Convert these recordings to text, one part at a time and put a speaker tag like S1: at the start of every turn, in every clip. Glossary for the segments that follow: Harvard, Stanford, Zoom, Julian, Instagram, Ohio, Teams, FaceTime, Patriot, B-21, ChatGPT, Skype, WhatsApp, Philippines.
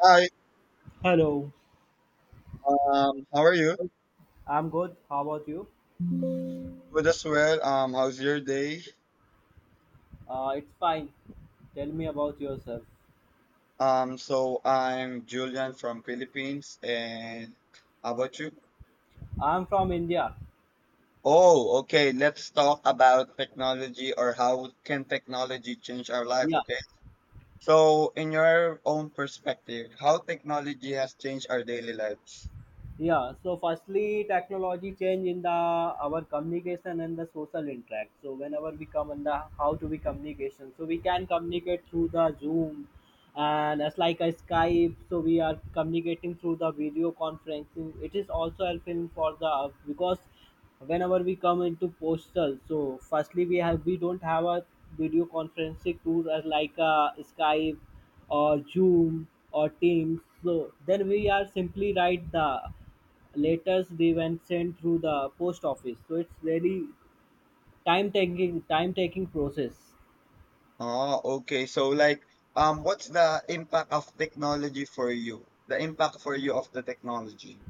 S1: Hi,
S2: Hello.
S1: how are you?
S2: I'm good. How about you?
S1: Good as well. How's your day?
S2: It's fine. Tell me about yourself.
S1: So I'm Julian from Philippines, and how about you?
S2: I'm from India.
S1: Oh, okay. Let's talk about technology or how can technology change our life,
S2: Yeah.
S1: okay? So, in your own perspective, how technology has changed our daily lives?
S2: Yeah, so firstly, technology change in the our communication and the social interact. So whenever we come in the how to be communication, so we can communicate through the Zoom, and as like a Skype. So we are communicating through the video conferencing. It is also helping for the because whenever we come into postal, so firstly we don't have a video conferencing tool as like a Skype or Zoom or Teams. So then we are simply write the letters they went sent through the post office, so it's very time taking process.
S1: Oh, okay. So, what's the impact of technology for you? The impact for you of the technology?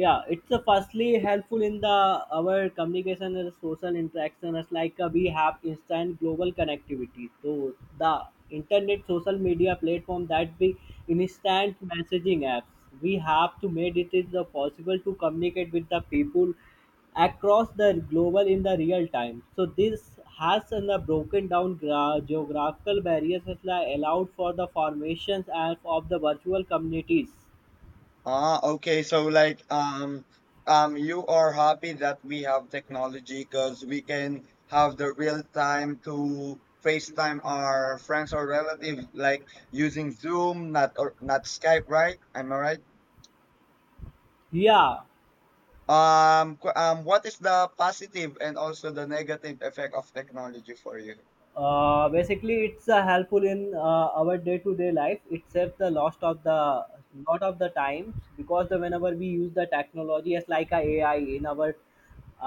S2: Yeah, it's a firstly helpful in the our communication and social interaction as like, we have instant global connectivity, so the internet social media platform that be instant messaging apps we have to make it is possible to communicate with the people across the global in the real time. So this has broken down geographical barriers, has allowed for the formations and of the virtual communities.
S1: Ah, okay. So you are happy that we have technology because we can have the real time to FaceTime our friends or relatives like using Zoom, not or not Skype, right? Am I right?
S2: Yeah,
S1: What is the positive and also the negative effect of technology for you?
S2: basically it's helpful in our day-to-day life. It saves the lost of the lot of the times, because the whenever we use the technology as like a AI in our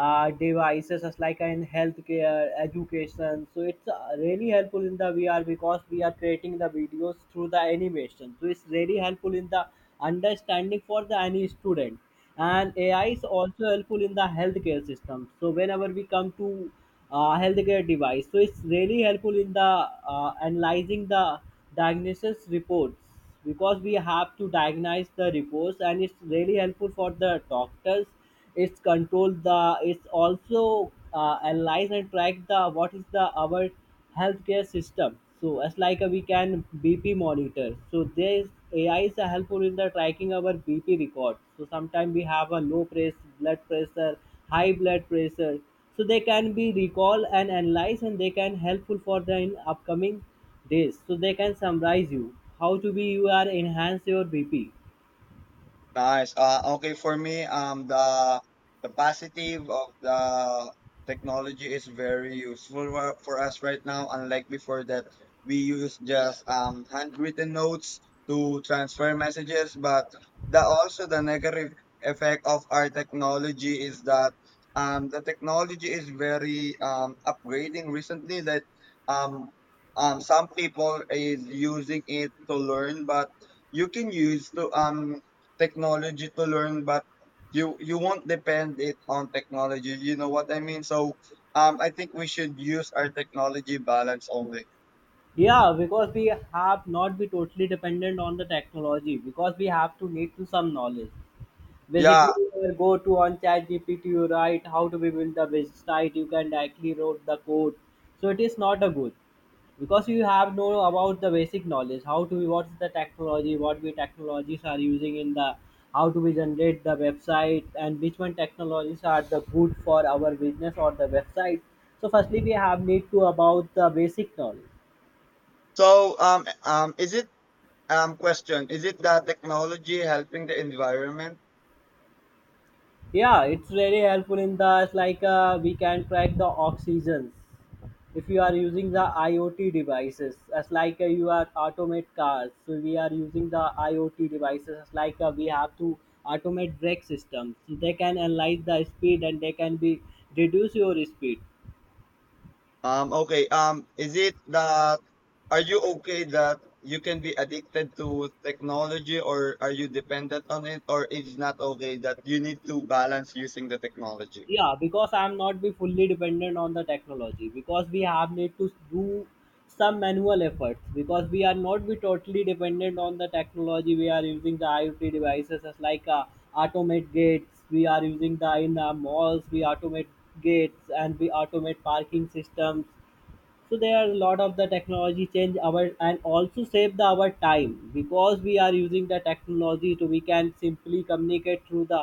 S2: devices as like in healthcare, education. So it's really helpful in the VR because we are creating the videos through the animation. So it's really helpful in the understanding for the any student. And AI is also helpful in the healthcare system. So whenever we come to healthcare device, so it's really helpful in the analyzing the diagnosis reports, because we have to diagnose the reports and it's really helpful for the doctors. It's control the. It's also analyze and track the what is the our healthcare system. So as like a, we can BP monitor. So there is AI is a helpful in the tracking our BP record. So sometimes we have a low press blood pressure, high blood pressure. So they can be recall and analyze, and they can helpful for the in upcoming days. So they can summarize you how to be you are enhance your BP.
S1: Nice. Okay, for me, the positive of the technology is very useful for us right now. Unlike before that, we use just handwritten notes to transfer messages. But the also the negative effect of our technology is that the technology is very upgrading recently. That um some people is using it to learn, but you can use to technology to learn but you won't depend it on technology you know what I mean so I think we should use our technology balance only
S2: Yeah, because we have not be totally dependent on the technology, because we have to need to some knowledge.
S1: yeah
S2: Basically, you will go to on ChatGPT, you write how to be build the website, you can directly wrote the code. So it is not a good, because you have know about the basic knowledge, how to be what's the technology, what we technologies are using in the how to we generate the website, and which one technologies are the good for our business or the website. So firstly, we have need to about the basic knowledge.
S1: so is it question is it the technology helping the environment
S2: Yeah, it's very helpful in the it's like, we can track the oxygens if you are using the IoT devices as like, you are automate cars. So we are using the IoT devices as like, we have to automate brake systems. They can analyze the speed and they can be reduce your speed.
S1: okay is it that are you okay that you can be addicted to technology or are you dependent on it or it's not okay that you need to balance using the technology
S2: Yeah, because I'm not be fully dependent on the technology, because we have need to do some manual efforts, because we are not be totally dependent on the technology. We are using the IoT devices as like, automate gates. We are using the in the malls we automate gates, and we automate parking systems. So there are a lot of the technology change our, and also save the our time, because we are using the technology to we can simply communicate through the,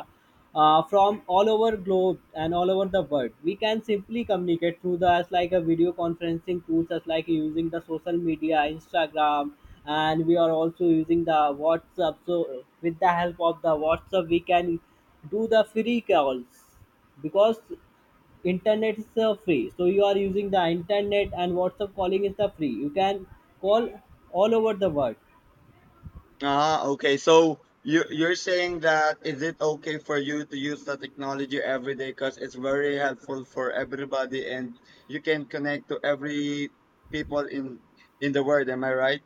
S2: from all over globe and all over the world we can simply communicate through the as like a video conferencing tools, as like using the social media Instagram. And we are also using the WhatsApp. So with the help of the WhatsApp we can do the free calls, because internet is free. So you are using the internet and WhatsApp calling is the free. You can call all over the world.
S1: Ah, okay. So you're saying that is it okay for you to use the technology every day because it's very helpful for everybody and you can connect to every people in the world, am I right?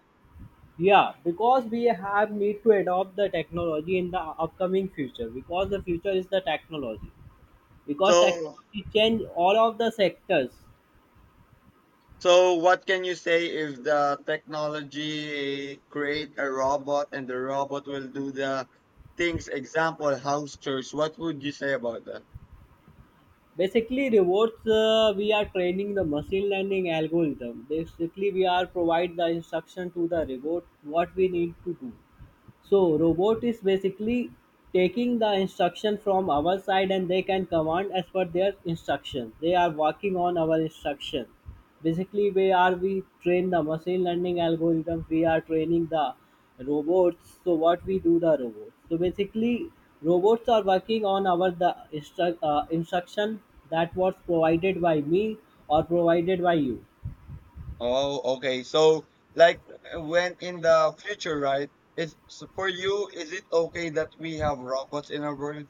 S2: Yeah, because we have need to adopt the technology in the upcoming future, because the future is the technology, because
S1: So
S2: technology change all of the sectors.
S1: so what can you say if the technology create a robot and the robot will do the things, example, house chores, what would you say about that?
S2: Basically rewards, we are training the machine learning algorithm. Basically we are provide the instruction to the robot what we need to do. So robot is basically taking the instruction from our side, and they can command as per their instruction. They are working on our instruction. Basically, we train the machine learning algorithms, we are training the robots. So what we do the robots. So basically robots are working on our the instruction that was provided by me or provided by you.
S1: Oh, okay. So, like, when in the future, right? Is so for you, is it okay that we have robots in our world?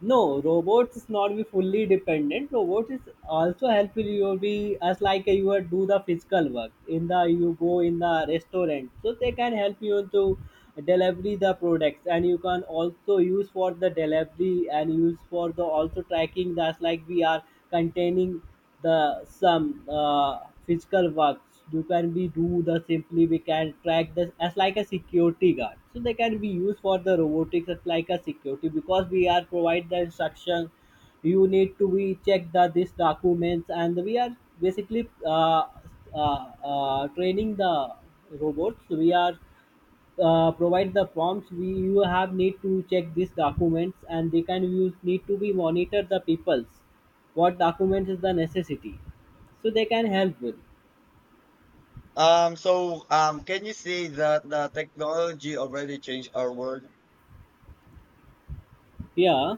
S2: No, robots is not be fully dependent. Robots is also helpful. You will be as like you are do the physical work in the you go in the restaurant, so they can help you to delivery the products, and you can also use for the delivery and use for the also tracking. That's like we are containing the some physical work. You can be do the simply we can track this as like a security guard. So they can be used for the robotics as like a security, because we are provide the instruction you need to be check the this documents, and we are basically, training the robots. We are provide the prompts. We you have need to check these documents, and they can use need to be monitor the peoples what documents is the necessity, so they can help with.
S1: Can you see that the technology already changed our world?
S2: Yeah,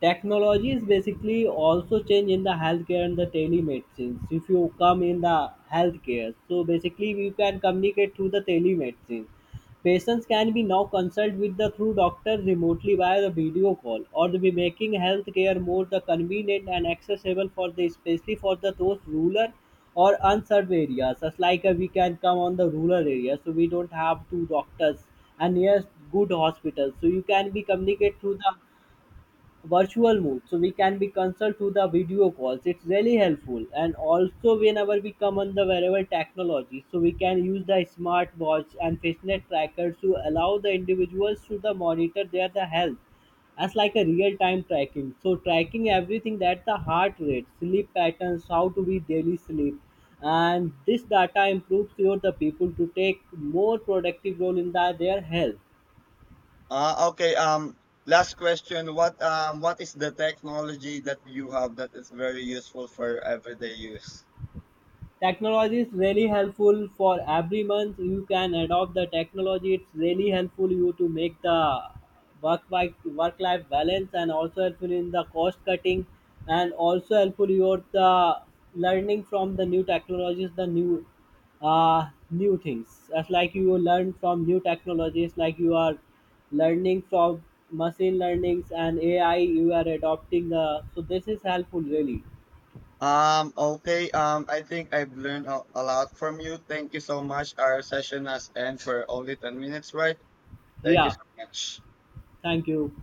S2: technology is basically also change in the healthcare and the telemedicine. If you come in the healthcare, so basically we can communicate through the telemedicine. Patients can be now consult with the through doctors remotely via the video call, or the be making healthcare more the convenient and accessible for the especially for the those rural or unserved areas. As like, we can come on the rural areas, so we don't have two doctors and yes good hospitals. So you can be communicate through the virtual mode, so we can be consult to the video calls. It's really helpful. And also whenever we come on the wearable technology, so we can use the smartwatch and fitness trackers to allow the individuals to the monitor their the health, as like a real time tracking. So tracking everything that the heart rate sleep patterns, how to be daily sleep. And this data improves your the people to take more productive role in the their health.
S1: Okay. Last question. What is the technology that you have that is very useful for everyday use?
S2: Technology is really helpful for every month. You can adopt the technology. It's really helpful you to make the work life balance, and also helpful in the cost cutting, and also helpful your the learning from the new technologies, the new things. As like you learn from new technologies, like you are learning from machine learnings and AI. You are adopting the so this is helpful really.
S1: Okay. I think I've learned a lot from you. Thank you so much. Our session has ended for only 10 minutes, right? Thank you
S2: Yeah,
S1: so much.
S2: thank you.